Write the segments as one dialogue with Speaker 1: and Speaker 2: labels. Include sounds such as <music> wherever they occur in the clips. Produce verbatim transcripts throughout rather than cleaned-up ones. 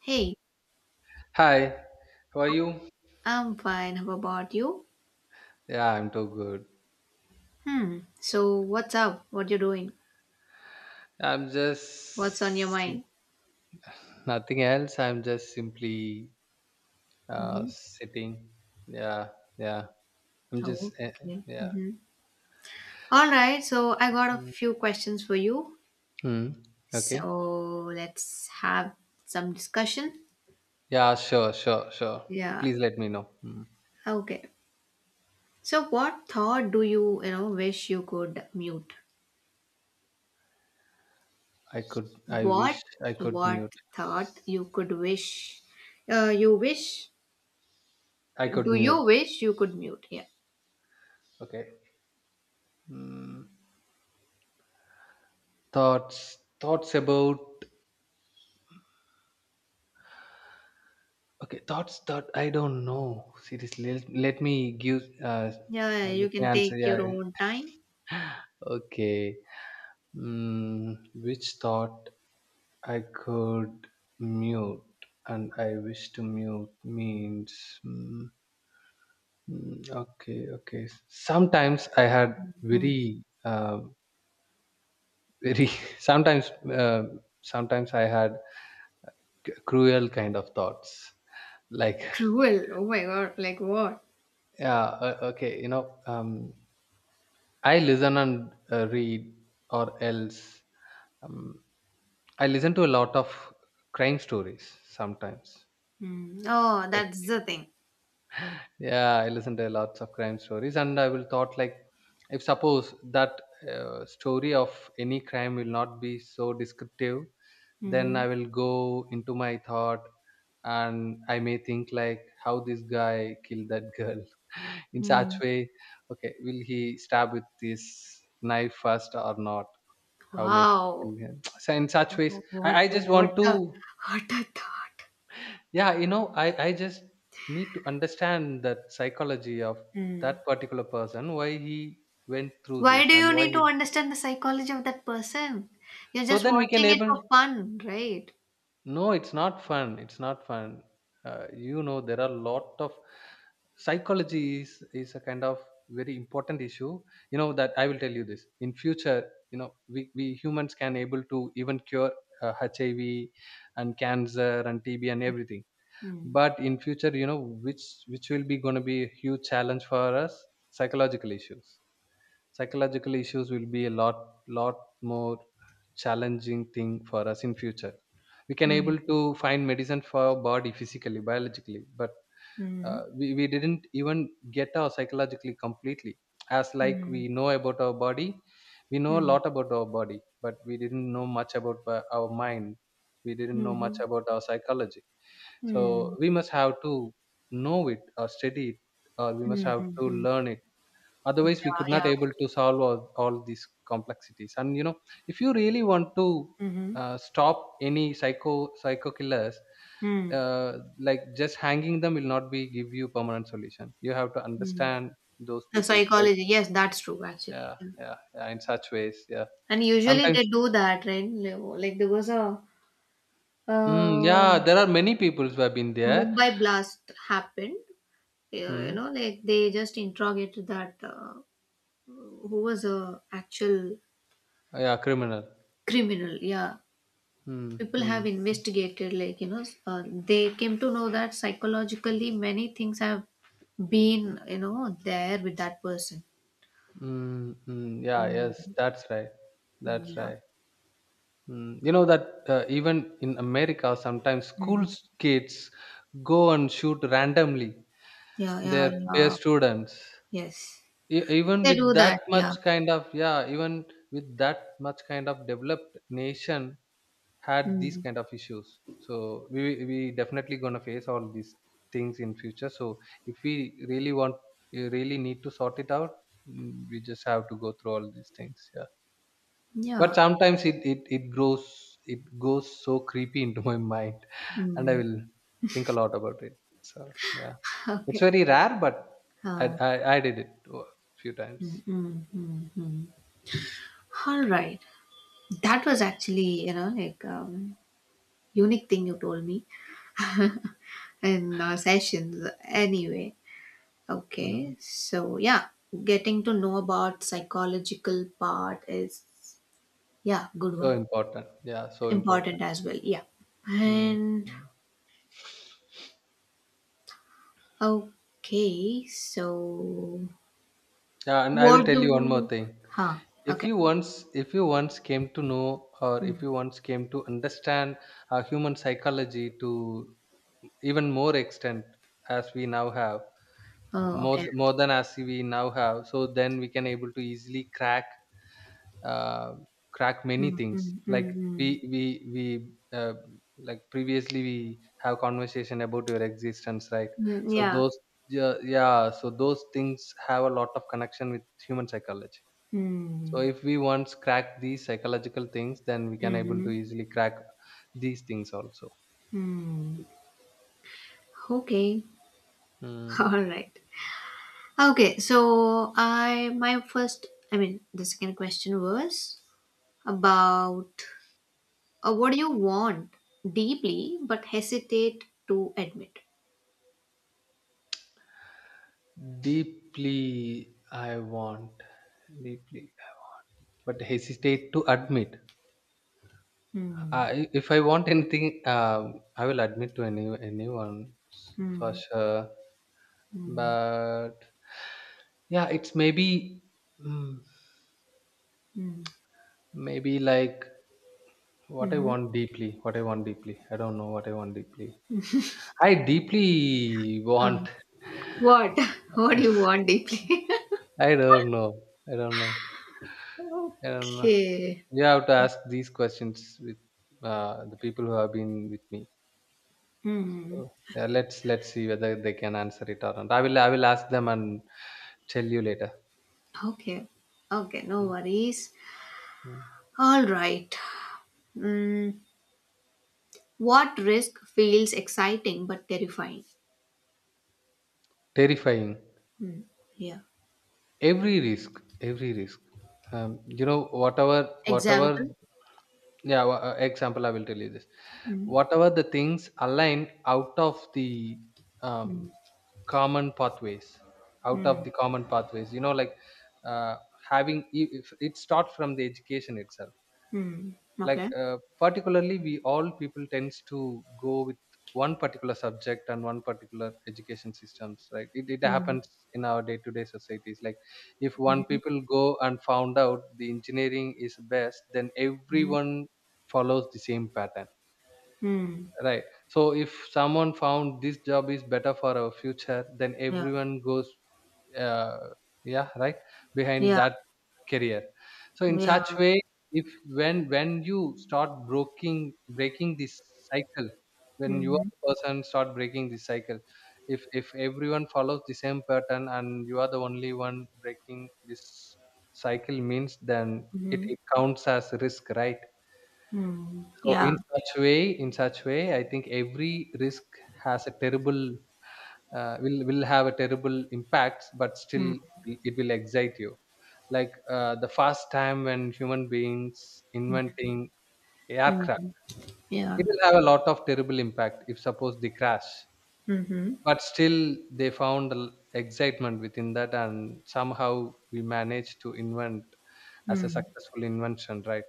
Speaker 1: Hey,
Speaker 2: Hi, how are you?
Speaker 1: I'm fine. How about you?
Speaker 2: Yeah, I'm too good.
Speaker 1: Hmm. So what's up? What you doing?
Speaker 2: I'm
Speaker 1: What's on your
Speaker 2: just sim-
Speaker 1: mind?
Speaker 2: Nothing else. I'm just simply uh,
Speaker 1: Mm-hmm.
Speaker 2: sitting. Yeah, yeah. I'm
Speaker 1: Oh,
Speaker 2: just eh,
Speaker 1: okay.
Speaker 2: yeah.
Speaker 1: Mm-hmm. All right. So I got a
Speaker 2: Mm.
Speaker 1: few questions for you.
Speaker 2: Hmm. Okay.
Speaker 1: So let's have some discussion.
Speaker 2: Yeah, sure, sure, sure.
Speaker 1: Yeah.
Speaker 2: Please let me know. Hmm.
Speaker 1: Okay. So what thought do you, you know, wish you could mute?
Speaker 2: I could. I
Speaker 1: What
Speaker 2: wish I could mute.
Speaker 1: what thought you could wish? Uh, you wish?
Speaker 2: I could
Speaker 1: Do
Speaker 2: mute.
Speaker 1: you wish you could mute? Yeah.
Speaker 2: Okay. Mm. Thoughts. Thoughts about. Okay. Thoughts thought. I don't know. Seriously, let, let me give. Uh,
Speaker 1: Yeah.
Speaker 2: uh,
Speaker 1: You
Speaker 2: let me
Speaker 1: can
Speaker 2: answer.
Speaker 1: take
Speaker 2: Yeah,
Speaker 1: your
Speaker 2: yeah.
Speaker 1: own time.
Speaker 2: Okay. Mm, which thought I could mute and I wish to mute means. Mm, mm, okay, okay. Sometimes I had
Speaker 1: Mm.
Speaker 2: very, uh, very. <laughs> Sometimes, uh, sometimes I had c- cruel kind of thoughts. Like,
Speaker 1: Cruel. Oh my god. Like what?
Speaker 2: yeah, uh, okay, you know, um, I listen and uh, read, or else um, I listen to a lot of crime stories sometimes.
Speaker 1: Mm. Oh, that's the
Speaker 2: Okay.
Speaker 1: thing.
Speaker 2: <laughs> Yeah, I listen to lots of crime stories, and I will thought like, if suppose that uh, story of any crime will not be so descriptive, then
Speaker 1: Mm-hmm.
Speaker 2: I will go into my thought, and I may think like, how this guy killed that girl <laughs> in such
Speaker 1: Mm.
Speaker 2: way. Okay, will he stab with this knife first or not? How may he kill
Speaker 1: Wow. <laughs>
Speaker 2: him? <tsk> So in such ways,
Speaker 1: Oh, What
Speaker 2: I, I
Speaker 1: a-
Speaker 2: just
Speaker 1: what
Speaker 2: want
Speaker 1: a
Speaker 2: to,
Speaker 1: what a thought. <laughs>
Speaker 2: yeah, you know, I, I just need to understand that psychology of
Speaker 1: Mm.
Speaker 2: that particular person, why he went through
Speaker 1: Why
Speaker 2: this
Speaker 1: do
Speaker 2: and
Speaker 1: you
Speaker 2: why
Speaker 1: need to
Speaker 2: he.
Speaker 1: understand the psychology of that person? You're
Speaker 2: So
Speaker 1: just
Speaker 2: then we can
Speaker 1: watching it for
Speaker 2: able.
Speaker 1: fun, right?
Speaker 2: No, it's not fun. It's not fun. Uh, you know, there are a lot of psychology is, is a kind of very important issue. You know that I will tell you this in future. You know, we, we humans can able to even cure uh, H I V and cancer and T B and everything,
Speaker 1: Mm.
Speaker 2: but in future you know which which will be going to be a huge challenge for us. Psychological issues, psychological issues will be a lot lot more challenging thing for us in future. We can
Speaker 1: Mm.
Speaker 2: able to find medicine for our body physically, biologically, but
Speaker 1: Mm.
Speaker 2: uh, we, we didn't even get our psychologically completely as like
Speaker 1: Mm.
Speaker 2: we know about our body. We know a
Speaker 1: Mm.
Speaker 2: lot about our body, but we didn't know much about uh, our mind. We didn't know much
Speaker 1: Mhm.
Speaker 2: about our psychology. So
Speaker 1: Mm.
Speaker 2: we must have to know it or study it, or we must have to
Speaker 1: Mhm.
Speaker 2: learn it. Otherwise, we
Speaker 1: Yeah,
Speaker 2: could not
Speaker 1: yeah.
Speaker 2: able to solve all, all these complexities. And you know, if you really want to
Speaker 1: Mm-hmm.
Speaker 2: uh, stop any psycho psycho killers,
Speaker 1: Mm.
Speaker 2: uh, like just hanging them will not be give you permanent solution. You have to
Speaker 1: Mm.
Speaker 2: understand those
Speaker 1: The
Speaker 2: people's way.
Speaker 1: psychology, yes, that's true actually.
Speaker 2: Yeah,
Speaker 1: Yeah.
Speaker 2: yeah, yeah. In such ways, yeah.
Speaker 1: And usually they
Speaker 2: Sometimes,
Speaker 1: do that, right? Levo? Like there was a
Speaker 2: mm,
Speaker 1: uh,
Speaker 2: yeah, there are many people who have been there.
Speaker 1: Mumbai blast happened. Uh, You
Speaker 2: Mm,
Speaker 1: know, like they just interrogated that uh, who was a actual
Speaker 2: yeah, criminal.
Speaker 1: criminal. Yeah,
Speaker 2: Mm,
Speaker 1: people have
Speaker 2: mm.
Speaker 1: investigated. Like you know, uh, they came to know that psychologically many things have been you know there with that person.
Speaker 2: Mm, mm, yeah, yes,
Speaker 1: Mm,
Speaker 2: that's right. That's
Speaker 1: yeah.
Speaker 2: right. Mm, you know that uh, even in America, sometimes
Speaker 1: Mm.
Speaker 2: school kids go and shoot randomly
Speaker 1: Yeah, yeah,
Speaker 2: their peer
Speaker 1: yeah.
Speaker 2: students.
Speaker 1: Yes.
Speaker 2: E- even
Speaker 1: They
Speaker 2: with
Speaker 1: do
Speaker 2: that
Speaker 1: that, yeah.
Speaker 2: much kind of, yeah, even with that much kind of developed nation had these
Speaker 1: Mm.
Speaker 2: kind of issues. So we we definitely gonna face all these things in future. So if we really want, we really need to sort it out. Mm, we just have to go through all these things. Yeah. But
Speaker 1: Yeah.
Speaker 2: sometimes it, it it grows it goes so creepy into my mind, and I
Speaker 1: Mm.
Speaker 2: will think a lot about it. So yeah, it's
Speaker 1: Okay.
Speaker 2: very rare, but i
Speaker 1: Uh,
Speaker 2: i, I did it a few
Speaker 1: mm,
Speaker 2: times.
Speaker 1: mm, mm, mm. All right. That was actually, you know, like um, unique thing you told me <laughs> in uh, sessions. Anyway.
Speaker 2: Mm.
Speaker 1: Okay. So yeah, getting to know about psychological part is yeah, good
Speaker 2: So
Speaker 1: one.
Speaker 2: important, yeah, so important.
Speaker 1: Important as well. Yeah.
Speaker 2: Mm.
Speaker 1: And
Speaker 2: Mm.
Speaker 1: okay. So
Speaker 2: Yeah, and I
Speaker 1: what
Speaker 2: will tell you one more
Speaker 1: do?
Speaker 2: thing.
Speaker 1: Huh.
Speaker 2: If
Speaker 1: Okay.
Speaker 2: you once, if you once came to know, or if
Speaker 1: Mm.
Speaker 2: you once came to understand uh, human psychology to even more extent as we now have,
Speaker 1: Oh,
Speaker 2: more
Speaker 1: okay.
Speaker 2: th- more than as we now have, so then we can able to easily crack uh, crack many
Speaker 1: Mm,
Speaker 2: things.
Speaker 1: mm,
Speaker 2: Like
Speaker 1: mm,
Speaker 2: we
Speaker 1: mm.
Speaker 2: we we uh, like previously we have conversation about your existence, right?
Speaker 1: Mm,
Speaker 2: So
Speaker 1: yeah.
Speaker 2: those, yeah, yeah, so those things have a lot of connection with human psychology. So
Speaker 1: Hmm.
Speaker 2: if we once crack these psychological things, then we can able to
Speaker 1: Hmm.
Speaker 2: easily crack these things also.
Speaker 1: Hmm. Okay. <laughs> All
Speaker 2: Hmm.
Speaker 1: right. Okay. So I my first. I mean, the second question was about uh, what do you want deeply but hesitate to admit.
Speaker 2: Deeply I want deeply but hesitate to admit.
Speaker 1: Hmm.
Speaker 2: Uh, I, if I want anything, uh, I will admit to any anyone, s- for
Speaker 1: Hmm.
Speaker 2: sure.
Speaker 1: Hmm.
Speaker 2: But yeah, it's maybe, mm,
Speaker 1: Hmm.
Speaker 2: maybe like what I
Speaker 1: Hmm.
Speaker 2: want deeply. What I want deeply. I don't know what I want deeply. I deeply want.
Speaker 1: Um, what? <laughs> What do you
Speaker 2: <laughs>
Speaker 1: want deeply?
Speaker 2: I don't know. I don't know. I
Speaker 1: <laughs>
Speaker 2: don't know.
Speaker 1: Okay.
Speaker 2: You have to ask these questions with uh, the people who have been with me.
Speaker 1: Hmm.
Speaker 2: Oh, yeah, let's let's see whether they can answer it or not. I will I will ask them and tell you later.
Speaker 1: Okay. Okay. No
Speaker 2: Mm,
Speaker 1: worries.
Speaker 2: mm.
Speaker 1: All right. Hmm. What risk feels exciting but terrifying?
Speaker 2: Terrifying.
Speaker 1: Hmm. Yeah.
Speaker 2: Every risk, every risk. Um, you know, whatever,
Speaker 1: Example?
Speaker 2: whatever. Yeah, wha- uh, example. I will tell you this.
Speaker 1: Mm.
Speaker 2: Whatever the things aligned out of the
Speaker 1: Mm.
Speaker 2: um, common pathways, out of
Speaker 1: Mm.
Speaker 2: the common pathways. You know, like uh, having, i- if it starts from the education itself.
Speaker 1: Mm.
Speaker 2: Like
Speaker 1: Okay.
Speaker 2: uh, particularly, we all people tends to go with one particular subject and one particular education systems, right? It, it
Speaker 1: Mm.
Speaker 2: happens in our day-to-day societies. Like if one
Speaker 1: Mm.
Speaker 2: people go and found out the engineering is best, then
Speaker 1: Mm.
Speaker 2: everyone follows the same pattern,
Speaker 1: Mm.
Speaker 2: right? So if someone found this job is better for our future, then
Speaker 1: Yeah.
Speaker 2: everyone goes, uh, yeah, right, behind
Speaker 1: Yeah.
Speaker 2: that career. So in
Speaker 1: Yeah.
Speaker 2: such way, if, when when you start breaking breaking this cycle, when you are
Speaker 1: Mm.
Speaker 2: the person start breaking this cycle, if if everyone follows the same pattern and you are the only one breaking this cycle means, then it,
Speaker 1: Mm.
Speaker 2: it counts as risk, right?
Speaker 1: Mm.
Speaker 2: So
Speaker 1: Yeah.
Speaker 2: in such way, in such way, I think every risk has a terrible uh, will will have a terrible impact, but still
Speaker 1: Mm.
Speaker 2: it will excite you. Like uh, the first time when human beings inventing aircraft,
Speaker 1: Mm. Yeah.
Speaker 2: it will have a lot of terrible impact if suppose they crash,
Speaker 1: Mm-hmm.
Speaker 2: but still they found l- excitement within that, and somehow we managed to invent as a
Speaker 1: Mm.
Speaker 2: successful invention, right?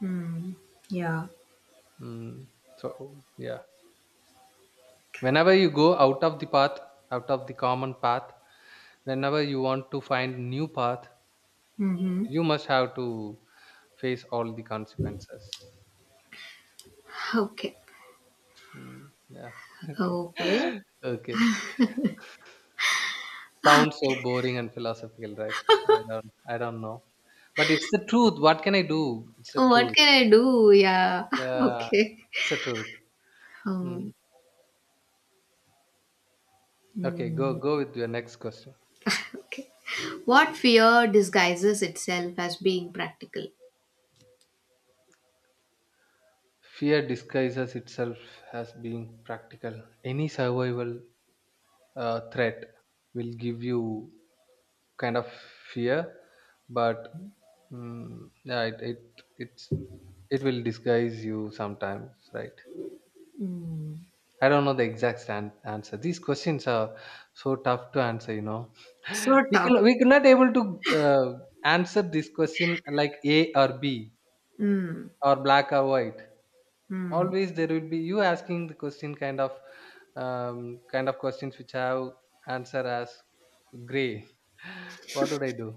Speaker 1: Mm. Yeah.
Speaker 2: Mm. So yeah, whenever you go out of the path, out of the common path, whenever you want to find new path,
Speaker 1: Hmm.
Speaker 2: you must have to face all the consequences.
Speaker 1: Okay.
Speaker 2: Mm, yeah. <laughs> Okay.
Speaker 1: Okay.
Speaker 2: <laughs> Okay. Sounds so boring and philosophical, right? I don't. I don't know. But it's the truth. What can I do? It's the
Speaker 1: What
Speaker 2: truth.
Speaker 1: can I do? Yeah. <laughs>
Speaker 2: Yeah.
Speaker 1: Okay.
Speaker 2: It's the truth.
Speaker 1: Um,
Speaker 2: Mm. Okay. Go. Go with your next question.
Speaker 1: okay. What fear disguises itself as being practical?
Speaker 2: Fear disguises itself as being practical. Any survival uh, threat will give you kind of fear, but mm, yeah, it, it it's it will disguise you sometimes, right?
Speaker 1: Mm.
Speaker 2: I don't know the exact stand, answer. These questions are so tough to answer, you know.
Speaker 1: So
Speaker 2: <laughs> We
Speaker 1: tough.
Speaker 2: can we could not able to uh, answer this question like A or B,
Speaker 1: Mm.
Speaker 2: or black or white.
Speaker 1: Mm.
Speaker 2: Always there will be you asking the question kind of um, kind of questions which have answer as gray. <laughs> What would I do?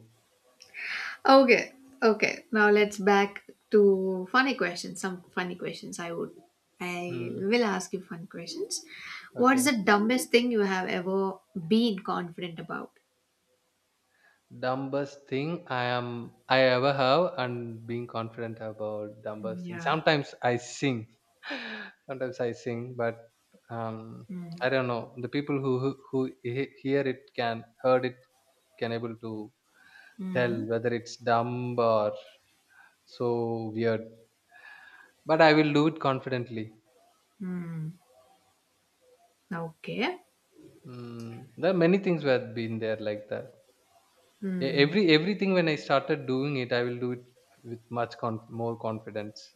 Speaker 1: Okay. Okay. Now let's back to funny questions. Some funny questions I would I
Speaker 2: Hmm.
Speaker 1: will ask you fun questions. What is
Speaker 2: Okay.
Speaker 1: the dumbest thing you have ever been confident about?
Speaker 2: Dumbest thing I am I ever have and being confident about, dumbest thing.
Speaker 1: Yeah.
Speaker 2: Sometimes I sing. <laughs> Sometimes I sing, but um,
Speaker 1: Mm.
Speaker 2: I don't know. The people who who, who he- hear it, can heard it, can able to tell
Speaker 1: Mm.
Speaker 2: whether it's dumb or so weird. But I will do it confidently.
Speaker 1: Mm. Okay.
Speaker 2: Mm, there are many things were been there like that. E-
Speaker 1: Mm.
Speaker 2: Every everything when I started doing it, I will do it with much conf- more confidence.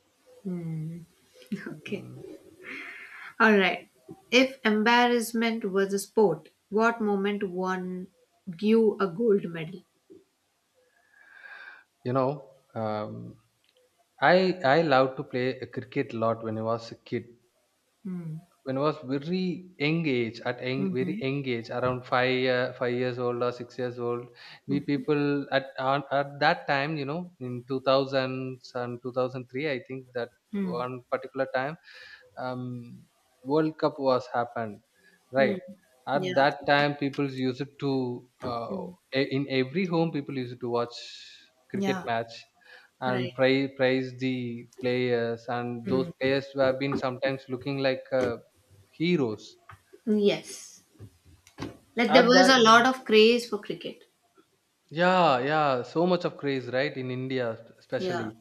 Speaker 1: <laughs> Okay.
Speaker 2: Mm.
Speaker 1: Alright, if embarrassment was a sport, what moment won you a gold medal?
Speaker 2: You know, um, I I loved to play cricket a lot when I was a kid.
Speaker 1: Mm.
Speaker 2: When I was very young age, at young, very
Speaker 1: Mm-hmm.
Speaker 2: young age, around five uh, five years old or six years old, we people at on, at that time, you know, in two thousands and two thousand three, I think that
Speaker 1: Mm.
Speaker 2: one particular time, um, World Cup was happened, right?
Speaker 1: Mm.
Speaker 2: At
Speaker 1: Yeah.
Speaker 2: that time, people used to, uh,
Speaker 1: Mm.
Speaker 2: e- in every home, people used to watch cricket
Speaker 1: Yeah.
Speaker 2: match and
Speaker 1: Right.
Speaker 2: praise praise the players, and those players who have been sometimes looking like, uh, heroes.
Speaker 1: Yes. Like there
Speaker 2: At
Speaker 1: was
Speaker 2: that,
Speaker 1: a lot
Speaker 2: mm,
Speaker 1: of craze for cricket.
Speaker 2: yeah, yeah, so much of craze, right? In India,
Speaker 1: Yeah.
Speaker 2: especially.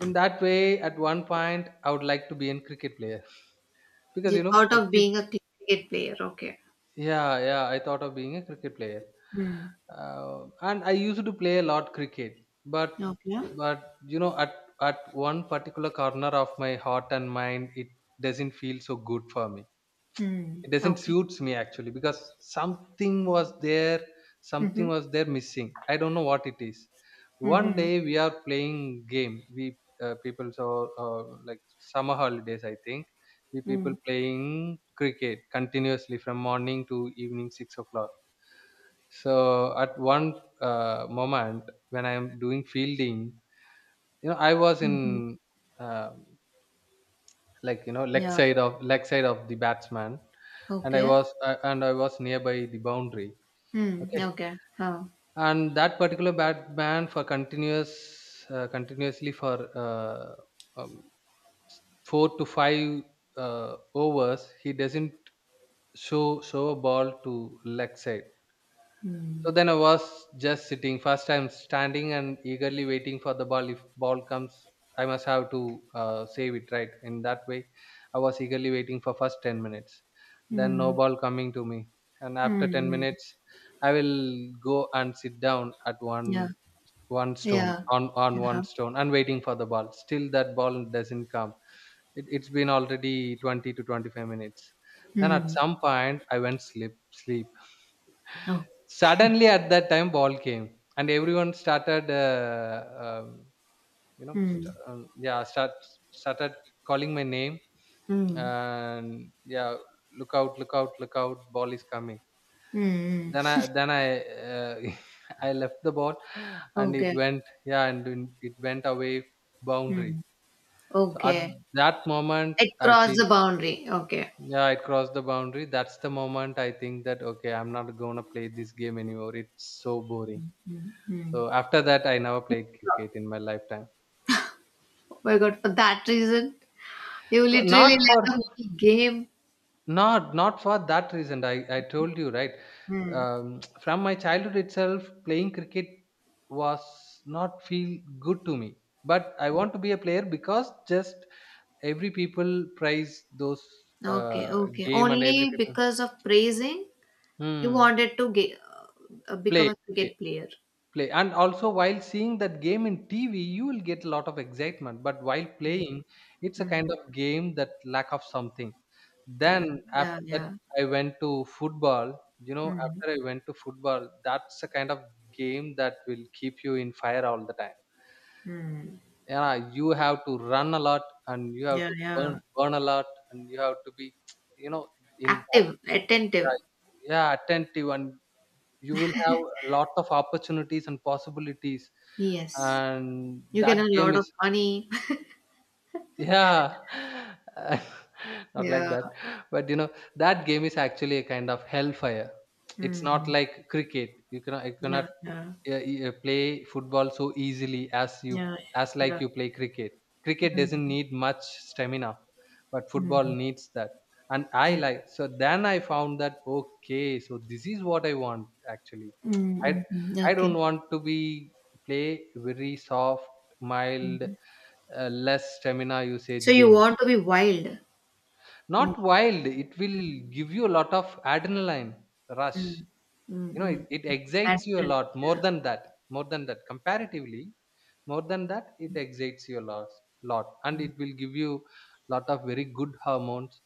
Speaker 2: In that way, at one point, I would like to be a cricket player <laughs> because
Speaker 1: You
Speaker 2: you know,
Speaker 1: thought
Speaker 2: I
Speaker 1: of
Speaker 2: keep-
Speaker 1: being a cricket player. Okay.
Speaker 2: yeah, yeah, I thought of being a cricket player,
Speaker 1: Mm.
Speaker 2: uh, and I used to play a lot cricket, but
Speaker 1: Okay.
Speaker 2: but you know, at at one particular corner of my heart and mind, it doesn't feel so good for me,
Speaker 1: Mm.
Speaker 2: it doesn't
Speaker 1: Okay.
Speaker 2: suits me actually, because something was there, something
Speaker 1: Mm-hmm.
Speaker 2: was there missing, I don't know what it is. One
Speaker 1: Mm-hmm.
Speaker 2: day we are playing game, we uh, people, so uh, like summer holidays, I think we
Speaker 1: Mm.
Speaker 2: people playing cricket continuously from morning to evening six o'clock. So at one uh, moment, when I am doing fielding, you know, I was
Speaker 1: Mm-hmm.
Speaker 2: in um like you know leg
Speaker 1: Yeah.
Speaker 2: side of leg side of the batsman, and I
Speaker 1: Okay.
Speaker 2: was uh, and i was nearby the boundary.
Speaker 1: Mm.
Speaker 2: Okay,
Speaker 1: Okay. Oh.
Speaker 2: and that particular batsman, for continuous uh, continuously for uh, um, four to five uh, overs, he doesn't show show a ball to leg side.
Speaker 1: Mm.
Speaker 2: So then I was just sitting. First, I'm standing and eagerly waiting for the ball. If ball comes, I must have to uh, save it, right. In that way, I was eagerly waiting for first ten minutes. Then no
Speaker 1: Mm,
Speaker 2: ball coming to me, and after
Speaker 1: mm,
Speaker 2: ten
Speaker 1: mm.
Speaker 2: minutes, I will go and sit down at
Speaker 1: Yeah,
Speaker 2: one one stone,
Speaker 1: yeah,
Speaker 2: on on
Speaker 1: uh-huh,
Speaker 2: one stone, and waiting for the ball. Still, that ball doesn't come. It, it's been already twenty to twenty five minutes. Then at
Speaker 1: mm,
Speaker 2: some point, I went sleep sleep.
Speaker 1: okay,
Speaker 2: Suddenly at that time ball came, and everyone started uh, um, you know,
Speaker 1: mm,
Speaker 2: st- um, yeah start started calling my name,
Speaker 1: mm,
Speaker 2: and yeah, look out, look out, look out, ball is coming.
Speaker 1: mm,
Speaker 2: then i
Speaker 1: mm,
Speaker 2: then i uh, <laughs> I left the ball, and it
Speaker 1: okay,
Speaker 2: went, yeah, and then it went away boundary.
Speaker 1: mm,
Speaker 2: So at
Speaker 1: okay,
Speaker 2: that moment
Speaker 1: it
Speaker 2: I
Speaker 1: crossed
Speaker 2: feel,
Speaker 1: the boundary, okay,
Speaker 2: yeah, it crossed the boundary. That's the moment I think that okay, I'm not gonna play this game anymore, it's so boring. So
Speaker 1: mm.
Speaker 2: after that, I never played cricket in my lifetime.
Speaker 1: Oh my God, for that reason, you
Speaker 2: For,
Speaker 1: literally
Speaker 2: not
Speaker 1: let the
Speaker 2: for
Speaker 1: whole game,
Speaker 2: not not for that reason. I I told you right.
Speaker 1: mm,
Speaker 2: Um, from my childhood itself, playing cricket was not feel good to me. But I want to be a player because just every people prize those
Speaker 1: okay,
Speaker 2: uh,
Speaker 1: okay,
Speaker 2: game, and every
Speaker 1: only
Speaker 2: people
Speaker 1: because of praising, you
Speaker 2: hmm,
Speaker 1: wanted to get, uh, become
Speaker 2: play.
Speaker 1: a cricket player.
Speaker 2: play, and also while seeing that game in TV, you will get a lot of excitement, but while
Speaker 1: Mm,
Speaker 2: playing it's a kind
Speaker 1: mm,
Speaker 2: of game that lack of something.
Speaker 1: yeah,
Speaker 2: Then
Speaker 1: yeah,
Speaker 2: after that
Speaker 1: yeah,
Speaker 2: I went to football. You know,
Speaker 1: mm,
Speaker 2: after I went to football, that's a kind of game that will keep you in fire all the time.
Speaker 1: mm,
Speaker 2: Yeah, you have to run a lot, and you have
Speaker 1: yeah,
Speaker 2: to burn
Speaker 1: yeah.
Speaker 2: burn a lot, and you have to be <tsk> you know, in that
Speaker 1: Active,
Speaker 2: game, yeah,
Speaker 1: attentive.
Speaker 2: yeah, attentive, and you will have a lot of opportunities and possibilities,
Speaker 1: Yes.
Speaker 2: and
Speaker 1: You
Speaker 2: that
Speaker 1: can earn a
Speaker 2: game
Speaker 1: lot of
Speaker 2: is,
Speaker 1: money. <laughs>
Speaker 2: yeah <laughs> not like
Speaker 1: Yeah.
Speaker 2: that. But you know, that game is actually a kind of hellfire. It's not
Speaker 1: Mm.
Speaker 2: like cricket. you cannot you cannot
Speaker 1: Yeah, yeah,
Speaker 2: uh, uh, play football so easily as you,
Speaker 1: yeah,
Speaker 2: as like
Speaker 1: yeah.
Speaker 2: you play cricket. Cricket doesn't
Speaker 1: Mm,
Speaker 2: need much stamina, but football
Speaker 1: mm,
Speaker 2: needs that. And I
Speaker 1: yeah.
Speaker 2: like, so then I found that okay, so this is what I want actually.
Speaker 1: Mm,
Speaker 2: i
Speaker 1: mm, mm.
Speaker 2: i
Speaker 1: Okay.
Speaker 2: don't want to be play very soft, mild,
Speaker 1: Mm.
Speaker 2: uh, less stamina
Speaker 1: So
Speaker 2: usage
Speaker 1: you
Speaker 2: games.
Speaker 1: want to be wild.
Speaker 2: Not
Speaker 1: in-
Speaker 2: wild, it will give you a lot of adrenaline rush.
Speaker 1: Mm, mm,
Speaker 2: You know, it,
Speaker 1: mm,
Speaker 2: it
Speaker 1: mm.
Speaker 2: excites you a
Speaker 1: Adrenaline,
Speaker 2: lot more
Speaker 1: yeah.
Speaker 2: than that, more than that comparatively, more than that, it excites you a lot, lot and it will give you lot of very good hormones,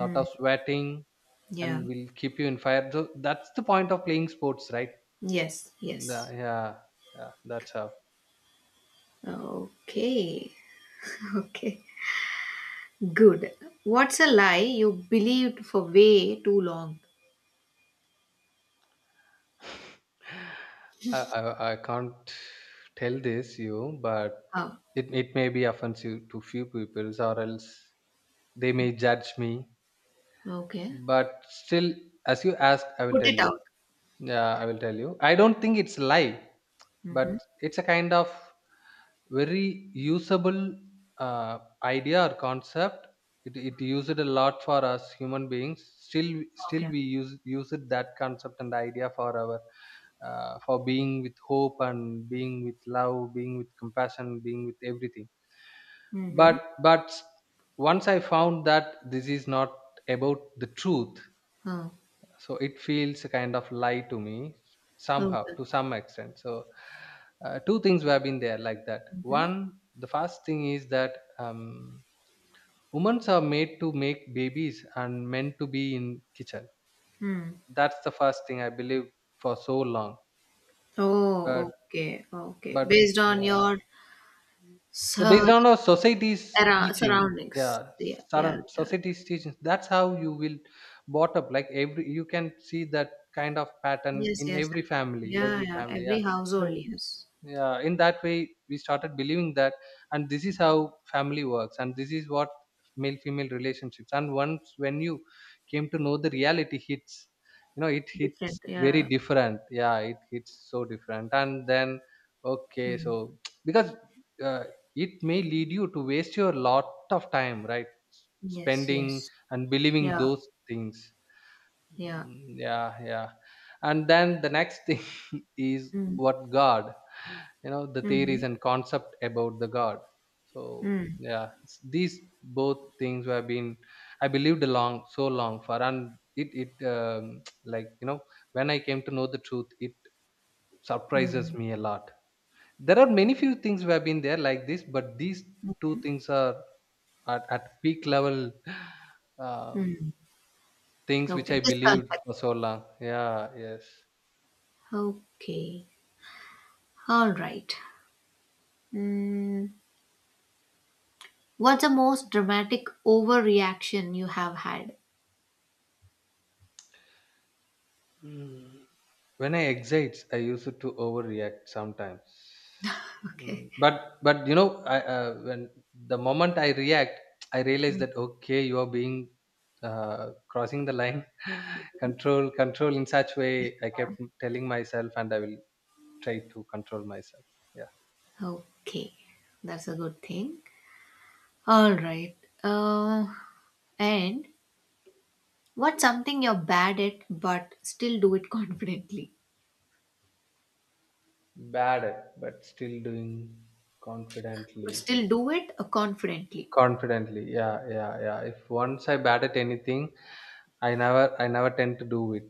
Speaker 2: lot of sweating,
Speaker 1: yeah.
Speaker 2: and will keep you in fire. So that's the point of playing sports, right?
Speaker 1: Yes,
Speaker 2: The-
Speaker 1: yes.
Speaker 2: yeah yeah, that's how
Speaker 1: Okay. <laughs> Okay. Good. What's a lie you believed for way too long?
Speaker 2: I, I i can't tell this you, but
Speaker 1: Oh,
Speaker 2: it, it may be offensive to few people or else they may judge me,
Speaker 1: okay.
Speaker 2: but still, as you ask I will
Speaker 1: Put
Speaker 2: tell
Speaker 1: it
Speaker 2: you.
Speaker 1: out.
Speaker 2: Yeah, I will tell you. I don't think it's lie, but
Speaker 1: Mhm.
Speaker 2: it's a kind of very usable uh, idea or concept. It, it used a lot for us human beings. Still, still
Speaker 1: Okay.
Speaker 2: we use use it, that concept and idea, for our uh, for being with hope, and being with love, being with compassion, being with everything.
Speaker 1: Mhm.
Speaker 2: But but once I found that this is not about the truth,
Speaker 1: Oh,
Speaker 2: so it feels a kind of lie to me, somehow,
Speaker 1: okay.
Speaker 2: to some extent. So uh, two things have been there like that.
Speaker 1: Mhm.
Speaker 2: One, the first thing is that um, women are made to make babies and men to be in kitchen.
Speaker 1: Hmm.
Speaker 2: That's the first thing I believe for so long. But
Speaker 1: Oh, okay, okay.
Speaker 2: but
Speaker 1: Based on
Speaker 2: yeah,
Speaker 1: your
Speaker 2: they're based
Speaker 1: sur-
Speaker 2: on our society's
Speaker 1: arou-
Speaker 2: teaching. Yeah,
Speaker 1: surroundings. Yeah, yeah,
Speaker 2: sudden
Speaker 1: yeah. Yeah.
Speaker 2: society's teaching. That's how you will brought up, like every, you can see that kind of pattern
Speaker 1: Yes,
Speaker 2: in
Speaker 1: yes,
Speaker 2: every
Speaker 1: I can.
Speaker 2: family,
Speaker 1: Yeah,
Speaker 2: every
Speaker 1: yeah.
Speaker 2: family, yeah.
Speaker 1: Every
Speaker 2: So
Speaker 1: household,
Speaker 2: in-
Speaker 1: yes.
Speaker 2: yeah, in that way we started believing that, and this is how family works, and this is what male female relationships. And once when you came to know, the reality hits. You know, it
Speaker 1: Different.
Speaker 2: hits very
Speaker 1: Yeah.
Speaker 2: different, yeah, it hits so different. And then okay,
Speaker 1: Mm.
Speaker 2: so <tsk> because uh, it may lead you to waste your lot of time, right? S-
Speaker 1: Yes,
Speaker 2: spending
Speaker 1: yes.
Speaker 2: and believing
Speaker 1: Yeah,
Speaker 2: those things.
Speaker 1: yeah.
Speaker 2: Mm, yeah, yeah and then the next thing <laughs> is
Speaker 1: Mm.
Speaker 2: what, god. You know, the
Speaker 1: Mm-hmm.
Speaker 2: theories and concept about the god. So
Speaker 1: Mm.
Speaker 2: yeah, it's- these both things have been I believed along so long for, and it it um, <tsk> like you know, when I came to know the truth, it surprises
Speaker 1: Mm.
Speaker 2: me a lot. There are many few things who have been there like this, but these two things are at, at peak level. <sighs> um,
Speaker 1: Mm.
Speaker 2: things which
Speaker 1: Okay.
Speaker 2: I
Speaker 1: Misconception.
Speaker 2: believed for so long. Yeah, yes.
Speaker 1: Okay. All right. Mm. What's the most dramatic overreaction you have had?
Speaker 2: Mm. When I excites, I used to overreact sometimes.
Speaker 1: Okay.
Speaker 2: Mm, but but you know, I uh, when the moment I react, I realize
Speaker 1: Mm.
Speaker 2: that okay, you are being uh, crossing the line. <laughs> control, control in such way. I kept telling myself, and I will try to control myself. Yeah,
Speaker 1: Okay. That's a good thing. All right. Uh, and what's something you're bad at but still do it <laughs> confidently?
Speaker 2: bad, but still doing
Speaker 1: But
Speaker 2: confidently.
Speaker 1: still do it uh, confidently.
Speaker 2: Confidently. Yeah, yeah, yeah. If once I bat at anything, I never I never tend to do it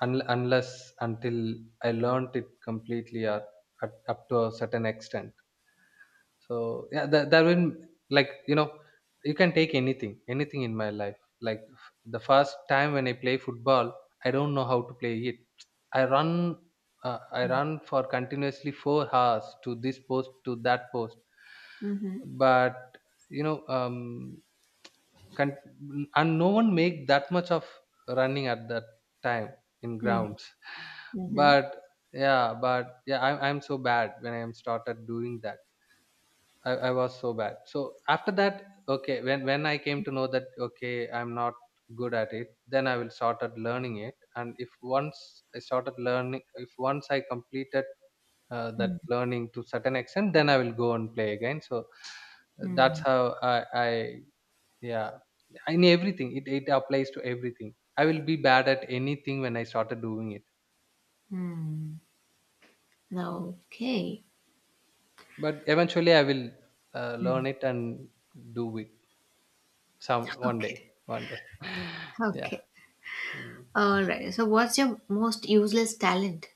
Speaker 2: un- unless until I learnt it completely, or at, up to a certain extent. So yeah, that that will, like you know, you can take anything, anything in my life. Like f- the first time when I play football, I don't know how to play it. I run, uh, I run for continuously four hours to this post, to that post.
Speaker 1: Mm-hmm.
Speaker 2: But you know, um, con- and no one make that much of running at that time in
Speaker 1: Mm-hmm.
Speaker 2: grounds. <laughs> But yeah, but yeah, I'm, I'm so bad when I'm started doing that. I, I was so bad. So after that, okay, when when I came to know that okay, I'm not good at it, then I will started learning it. And if once I started learning, if once I completed uh, that
Speaker 1: Mm-hmm. Mm.
Speaker 2: learning to certain extent, then I will go and play again. So that's
Speaker 1: Mm.
Speaker 2: how I, I yeah, in everything, it it applies to everything. I will be bad at anything when I started doing it,
Speaker 1: Mm. Okay.
Speaker 2: but eventually I will uh,
Speaker 1: Mm.
Speaker 2: learn it and do it some one day,
Speaker 1: Okay.
Speaker 2: one day. <laughs> yeah.
Speaker 1: Okay.
Speaker 2: Mm.
Speaker 1: All right. So, what's your most useless talent?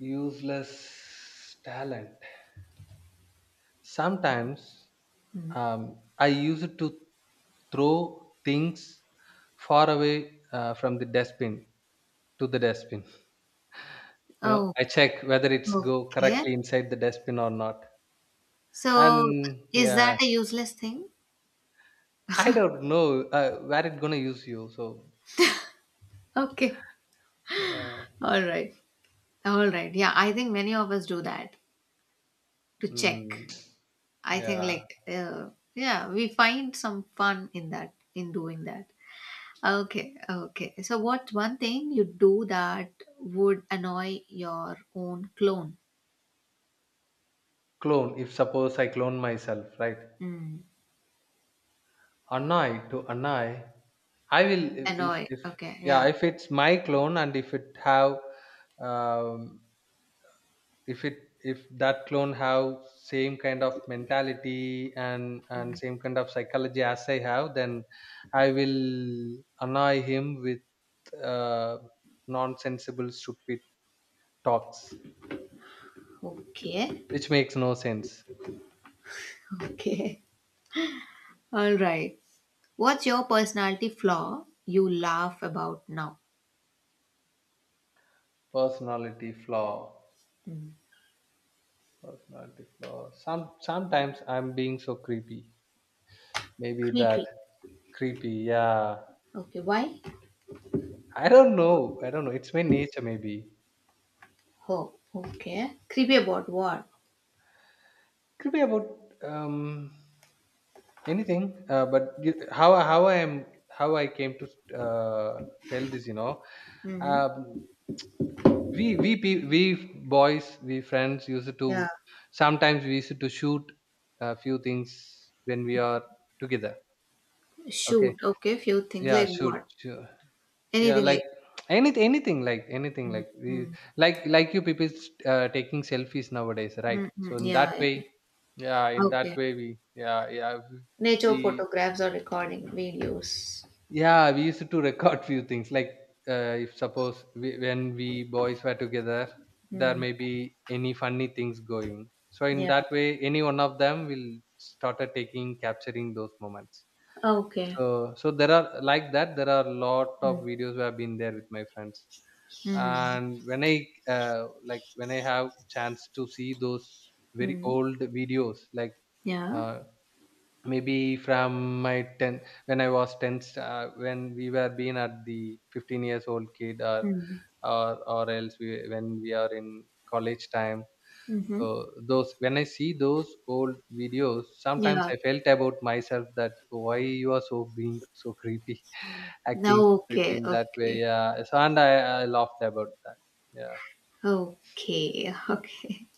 Speaker 2: Useless talent. Sometimes
Speaker 1: Mm.
Speaker 2: um, I use it to throw things far away uh, from the dustbin to the dustbin. You know,
Speaker 1: Oh,
Speaker 2: I check whether it's go
Speaker 1: okay.
Speaker 2: correctly inside the dustbin or not.
Speaker 1: So,
Speaker 2: And
Speaker 1: is
Speaker 2: yeah,
Speaker 1: that a useless thing?
Speaker 2: I don't know uh, where it gonna use you. So
Speaker 1: Okay.
Speaker 2: uh,
Speaker 1: All right. All right. Yeah, I think many of us do that to check.
Speaker 2: mm,
Speaker 1: I think,
Speaker 2: yeah,
Speaker 1: like, uh, yeah, we find some fun in that, in doing that. Okay. Okay. So, what's one thing you do that would annoy your own clone?
Speaker 2: clone. If suppose I clone myself, right?
Speaker 1: Mm.
Speaker 2: Annoy to annoy. I will if if
Speaker 1: Annoy.
Speaker 2: if-
Speaker 1: Okay.
Speaker 2: yeah,
Speaker 1: Yeah.
Speaker 2: if it's my clone, and if it have um, if it, if that clone have same kind of mentality and and
Speaker 1: Mm.
Speaker 2: same kind of psychology as I have, then I will annoy him with uh, nonsensible stupid talks,
Speaker 1: Okay.
Speaker 2: which makes no sense.
Speaker 1: Okay. All right. What's your personality flaw you laugh about now?
Speaker 2: Personality flaw.
Speaker 1: Mm.
Speaker 2: Personality flaw. Some sometimes I'm being so creepy. Maybe that.
Speaker 1: Creepy.
Speaker 2: Creepy, yeah.
Speaker 1: Okay, why?
Speaker 2: I don't know. I don't know. It's my nature, maybe.
Speaker 1: Oh, okay. Creepy about what?
Speaker 2: Creepy about um anything. Uh, but you, how how I am, how I came to uh, tell this, you know,
Speaker 1: Mm-hmm.
Speaker 2: um, we we pe- we boys, we friends used to,
Speaker 1: Yeah.
Speaker 2: sometimes we used to shoot a few things when we are together. Okay,
Speaker 1: Shoot. Okay, few things
Speaker 2: yeah,
Speaker 1: like
Speaker 2: shoot,
Speaker 1: what?
Speaker 2: shoot. Yeah,
Speaker 1: Anything
Speaker 2: like
Speaker 1: like.
Speaker 2: anything anything like anything like we,
Speaker 1: Mm.
Speaker 2: like like you people uh, taking selfies nowadays, right? So
Speaker 1: Mm-hmm.
Speaker 2: in that
Speaker 1: Yeah,
Speaker 2: way,
Speaker 1: yeah.
Speaker 2: yeah, in that
Speaker 1: Okay.
Speaker 2: way we, yeah yeah
Speaker 1: Nature
Speaker 2: we
Speaker 1: photographs or recording videos.
Speaker 2: yeah, we used to record few things like uh, if suppose we, when we boys were together, there
Speaker 1: Mm.
Speaker 2: may be any funny things going. So in
Speaker 1: Yeah.
Speaker 2: that way, any one of them will started taking capturing those moments.
Speaker 1: Okay.
Speaker 2: So so there are like that, there are lot of
Speaker 1: Mm.
Speaker 2: videos where I've been there with my friends.
Speaker 1: Mm.
Speaker 2: And when I uh, like when I have chance to see those very
Speaker 1: Mm.
Speaker 2: old videos, like
Speaker 1: Yeah.
Speaker 2: uh, maybe from my ten, when I was ten, uh, when we were being at the fifteen years old kid, or
Speaker 1: Mm.
Speaker 2: or or else we, when we are in college time.
Speaker 1: Mm-hmm.
Speaker 2: So those, when I see those old videos, sometimes
Speaker 1: Yeah.
Speaker 2: I felt about myself that why you are so being so creepy <laughs>
Speaker 1: No,
Speaker 2: acting so creepy,
Speaker 1: okay.
Speaker 2: in that way,
Speaker 1: Okay.
Speaker 2: yeah. So and i, I laughed about that, yeah.
Speaker 1: Okay. <laughs> Okay.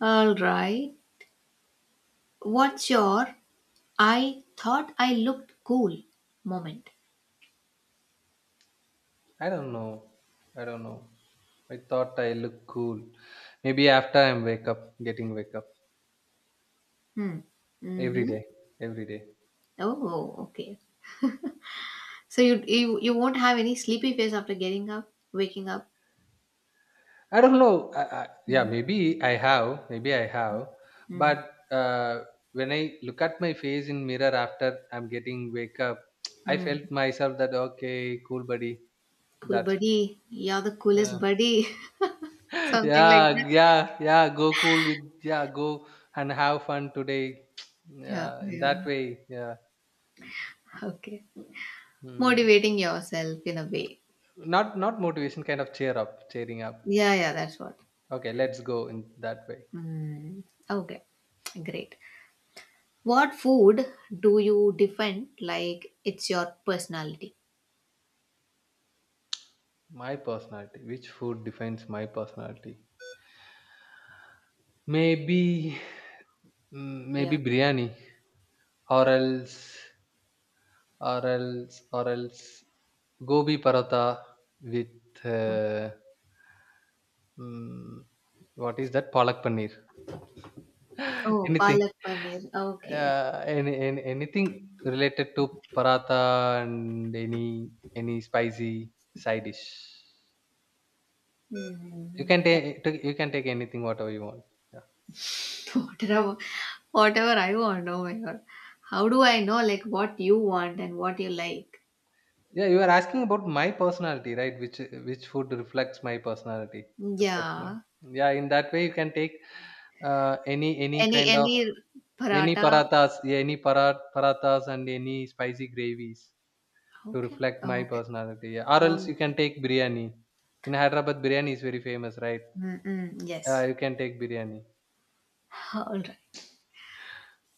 Speaker 1: All right. What's your I thought I looked cool moment.
Speaker 2: I don't know. I don't know. I thought I look cool. Maybe after I'm wake up, getting wake up
Speaker 1: Hmm.
Speaker 2: every
Speaker 1: Mm-hmm.
Speaker 2: day, every day.
Speaker 1: Oh, okay. So you you you won't have any sleepy face after getting up, waking up.
Speaker 2: I don't know. I, I, yeah,
Speaker 1: Hmm.
Speaker 2: maybe I have. Maybe I have.
Speaker 1: Hmm.
Speaker 2: But uh, when I look at my face in mirror after I'm getting wake up, <tsk> I
Speaker 1: Hmm.
Speaker 2: felt myself that okay, cool, buddy.
Speaker 1: Cool
Speaker 2: That's it.
Speaker 1: buddy. You're the coolest
Speaker 2: Yeah.
Speaker 1: buddy. <laughs>
Speaker 2: <laughs>
Speaker 1: Something like that.
Speaker 2: yeah, yeah, yeah. Go cool with, yeah. Go and have fun today. <tsk>
Speaker 1: Yeah.
Speaker 2: Yeah, in that
Speaker 1: Yeah.
Speaker 2: way. Yeah.
Speaker 1: Okay.
Speaker 2: Hmm.
Speaker 1: Motivating yourself in a way.
Speaker 2: Not not motivation, kind of cheer up, cheering up.
Speaker 1: Yeah. Yeah. That's what.
Speaker 2: Okay, let's go in that way.
Speaker 1: Hmm. Okay. Great. What food do you defend like it's your personality?
Speaker 2: My personality. Which food defines my personality? Maybe mm, maybe
Speaker 1: Yeah.
Speaker 2: biryani, or else or else or else gobi paratha with uh, mm, what is that palak paneer? <laughs>
Speaker 1: Oh,
Speaker 2: Anything
Speaker 1: palak paneer. Okay.
Speaker 2: uh, any, any anything related to paratha and any any spicy side dish. You
Speaker 1: Hmm.
Speaker 2: can take take- you can take anything whatever you want. Yeah.
Speaker 1: <laughs> Whatever, whatever I want. Oh my god. How do I know like what you want and what you like?
Speaker 2: Yeah, you are asking about my personality, right? Which which food reflects my personality? Reflects my.
Speaker 1: Yeah.
Speaker 2: Yeah, in that way you can take uh, any any
Speaker 1: Any
Speaker 2: kind of
Speaker 1: any
Speaker 2: any
Speaker 1: paratha?
Speaker 2: parathas, yeah, any para, parathas and any spicy gravies to
Speaker 1: Okay.
Speaker 2: reflect my
Speaker 1: Okay.
Speaker 2: personality. Yeah. Or else
Speaker 1: Um.
Speaker 2: you can take biryani. In Hyderabad, biryani is very famous, right?
Speaker 1: Mm-mm.
Speaker 2: Uh,
Speaker 1: Yes.
Speaker 2: you can take biryani.
Speaker 1: All right.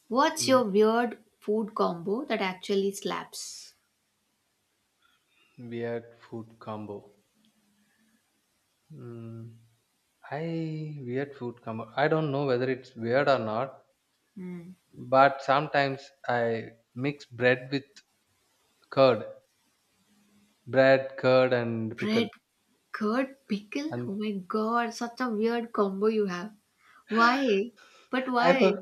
Speaker 1: What's
Speaker 2: Mm.
Speaker 1: your weird food combo that actually slaps?
Speaker 2: Weird food combo. Mm. I weird food come. I don't know whether it's weird or not,
Speaker 1: Hmm.
Speaker 2: but sometimes I mix bread with curd, bread, curd, and
Speaker 1: Bread,
Speaker 2: pickle.
Speaker 1: curd, pickle. Oh
Speaker 2: And
Speaker 1: my god! Such a weird combo you have.
Speaker 2: <gasps> <laughs>
Speaker 1: Why? But
Speaker 2: I
Speaker 1: why?
Speaker 2: don't,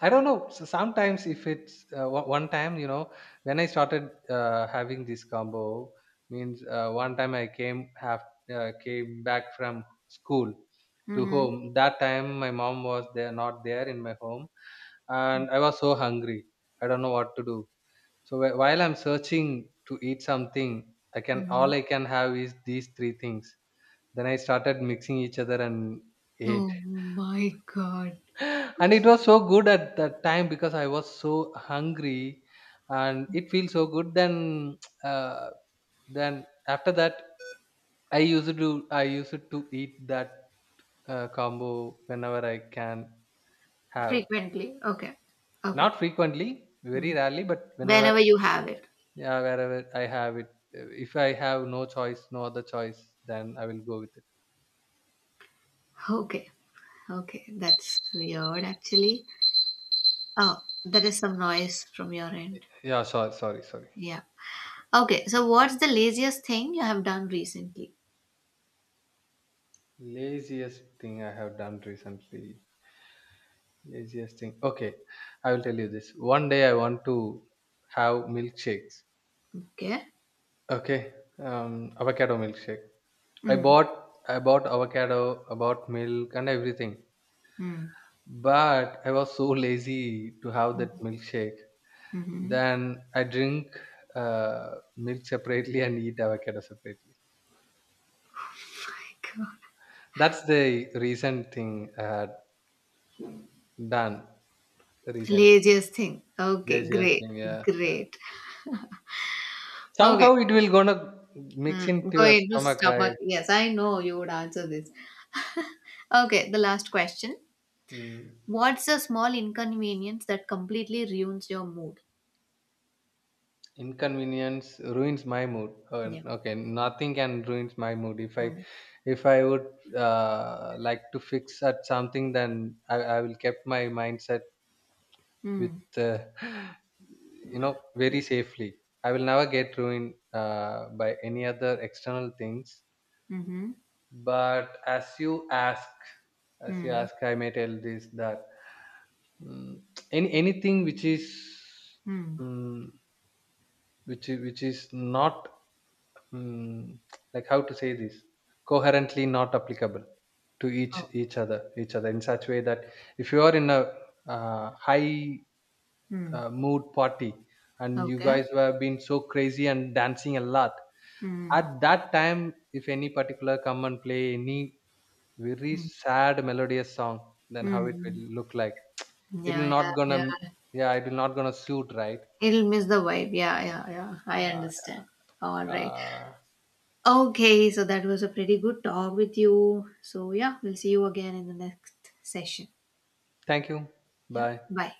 Speaker 2: I don't know. So sometimes if it's uh, one one time, you know, when I started uh, having this combo, means uh, one time I came have uh, came back from school to
Speaker 1: Mhm.
Speaker 2: home. That time my mom was there, not there in my home, and I was so hungry. I don't know what to do. So wh- while I'm searching to eat something, I can all
Speaker 1: Mhm.
Speaker 2: I can have is these three things. Then I started mixing each other and ate.
Speaker 1: Oh my God.
Speaker 2: <gasps> <laughs> And it was so good at that time because I was so hungry, and it feels so good. Then <tsk> uh, then after that, I used to I used to eat that uh, combo whenever I can have.
Speaker 1: Frequently. Okay. Okay.
Speaker 2: Not frequently, very
Speaker 1: Mm.
Speaker 2: rarely, but whenever.
Speaker 1: Whenever you have it.
Speaker 2: Yeah, wherever I have it, if I have no choice, no other choice, then I will go with
Speaker 1: Okay. Okay. That's weird, actually. Oh, that is some noise from your
Speaker 2: it.
Speaker 1: end.
Speaker 2: Yeah, sorry sorry sorry.
Speaker 1: Yeah. Okay. So, what's the laziest thing you have done recently?
Speaker 2: Laziest thing I have done recently. Laziest thing, okay. I will tell you this. One day I want to have milkshakes.
Speaker 1: Okay.
Speaker 2: Okay, um avocado milkshake. i
Speaker 1: Mm.
Speaker 2: bought I bought avocado, I bought milk and everything,
Speaker 1: Mm.
Speaker 2: but I was so <laughs> lazy to have that milkshake.
Speaker 1: Mm-hmm.
Speaker 2: Then I drink uh, milk separately and eat avocado separately.
Speaker 1: <laughs> God.
Speaker 2: That's the recent thing I had done. Recent
Speaker 1: Laziest thing. Okay.
Speaker 2: laziest
Speaker 1: Great.
Speaker 2: thing, yeah.
Speaker 1: Great. Okay.
Speaker 2: Somehow it will gonna mix
Speaker 1: Mm.
Speaker 2: into
Speaker 1: Go
Speaker 2: your
Speaker 1: into
Speaker 2: stomach, right?
Speaker 1: stomach. Yes, I know you would answer this. Okay. The last question.
Speaker 2: Mm.
Speaker 1: What's a small inconvenience that completely ruins your mood?
Speaker 2: Inconvenience ruins my mood. Uh,
Speaker 1: Yeah.
Speaker 2: okay, nothing can ruins my mood. If I
Speaker 1: Mm.
Speaker 2: if I would uh, like to fix at something, then I, I will keep my mindset with
Speaker 1: Mm.
Speaker 2: uh, <laughs> you know very safely. I will never get ruined uh, by any other external things,
Speaker 1: Mm-hmm.
Speaker 2: but as you ask as you
Speaker 1: Mm.
Speaker 2: ask I may tell this that mm, any anything which is
Speaker 1: Mm.
Speaker 2: mm, which is- which is not mm, like how to say this coherently not applicable to each
Speaker 1: Oh.
Speaker 2: each other each other in such way that if you are in a uh, high
Speaker 1: Mm.
Speaker 2: uh, mood party and you
Speaker 1: Okay.
Speaker 2: guys were being so crazy and dancing a lot.
Speaker 1: Mm.
Speaker 2: At that time, if any particular come and play any very
Speaker 1: Mm.
Speaker 2: sad melodious song, then how it will
Speaker 1: Mm.
Speaker 2: look like.
Speaker 1: Yeah,
Speaker 2: It'll
Speaker 1: yeah,
Speaker 2: not gonna,
Speaker 1: yeah.
Speaker 2: yeah, it will not gonna suit, right?
Speaker 1: It'll miss the vibe. Yeah, yeah, yeah. I
Speaker 2: uh,
Speaker 1: understand. All right.
Speaker 2: uh,
Speaker 1: Okay, so that was a pretty good talk with you. So, yeah, we'll see you again in the next session.
Speaker 2: Thank you.
Speaker 1: Yeah,
Speaker 2: Bye.
Speaker 1: bye.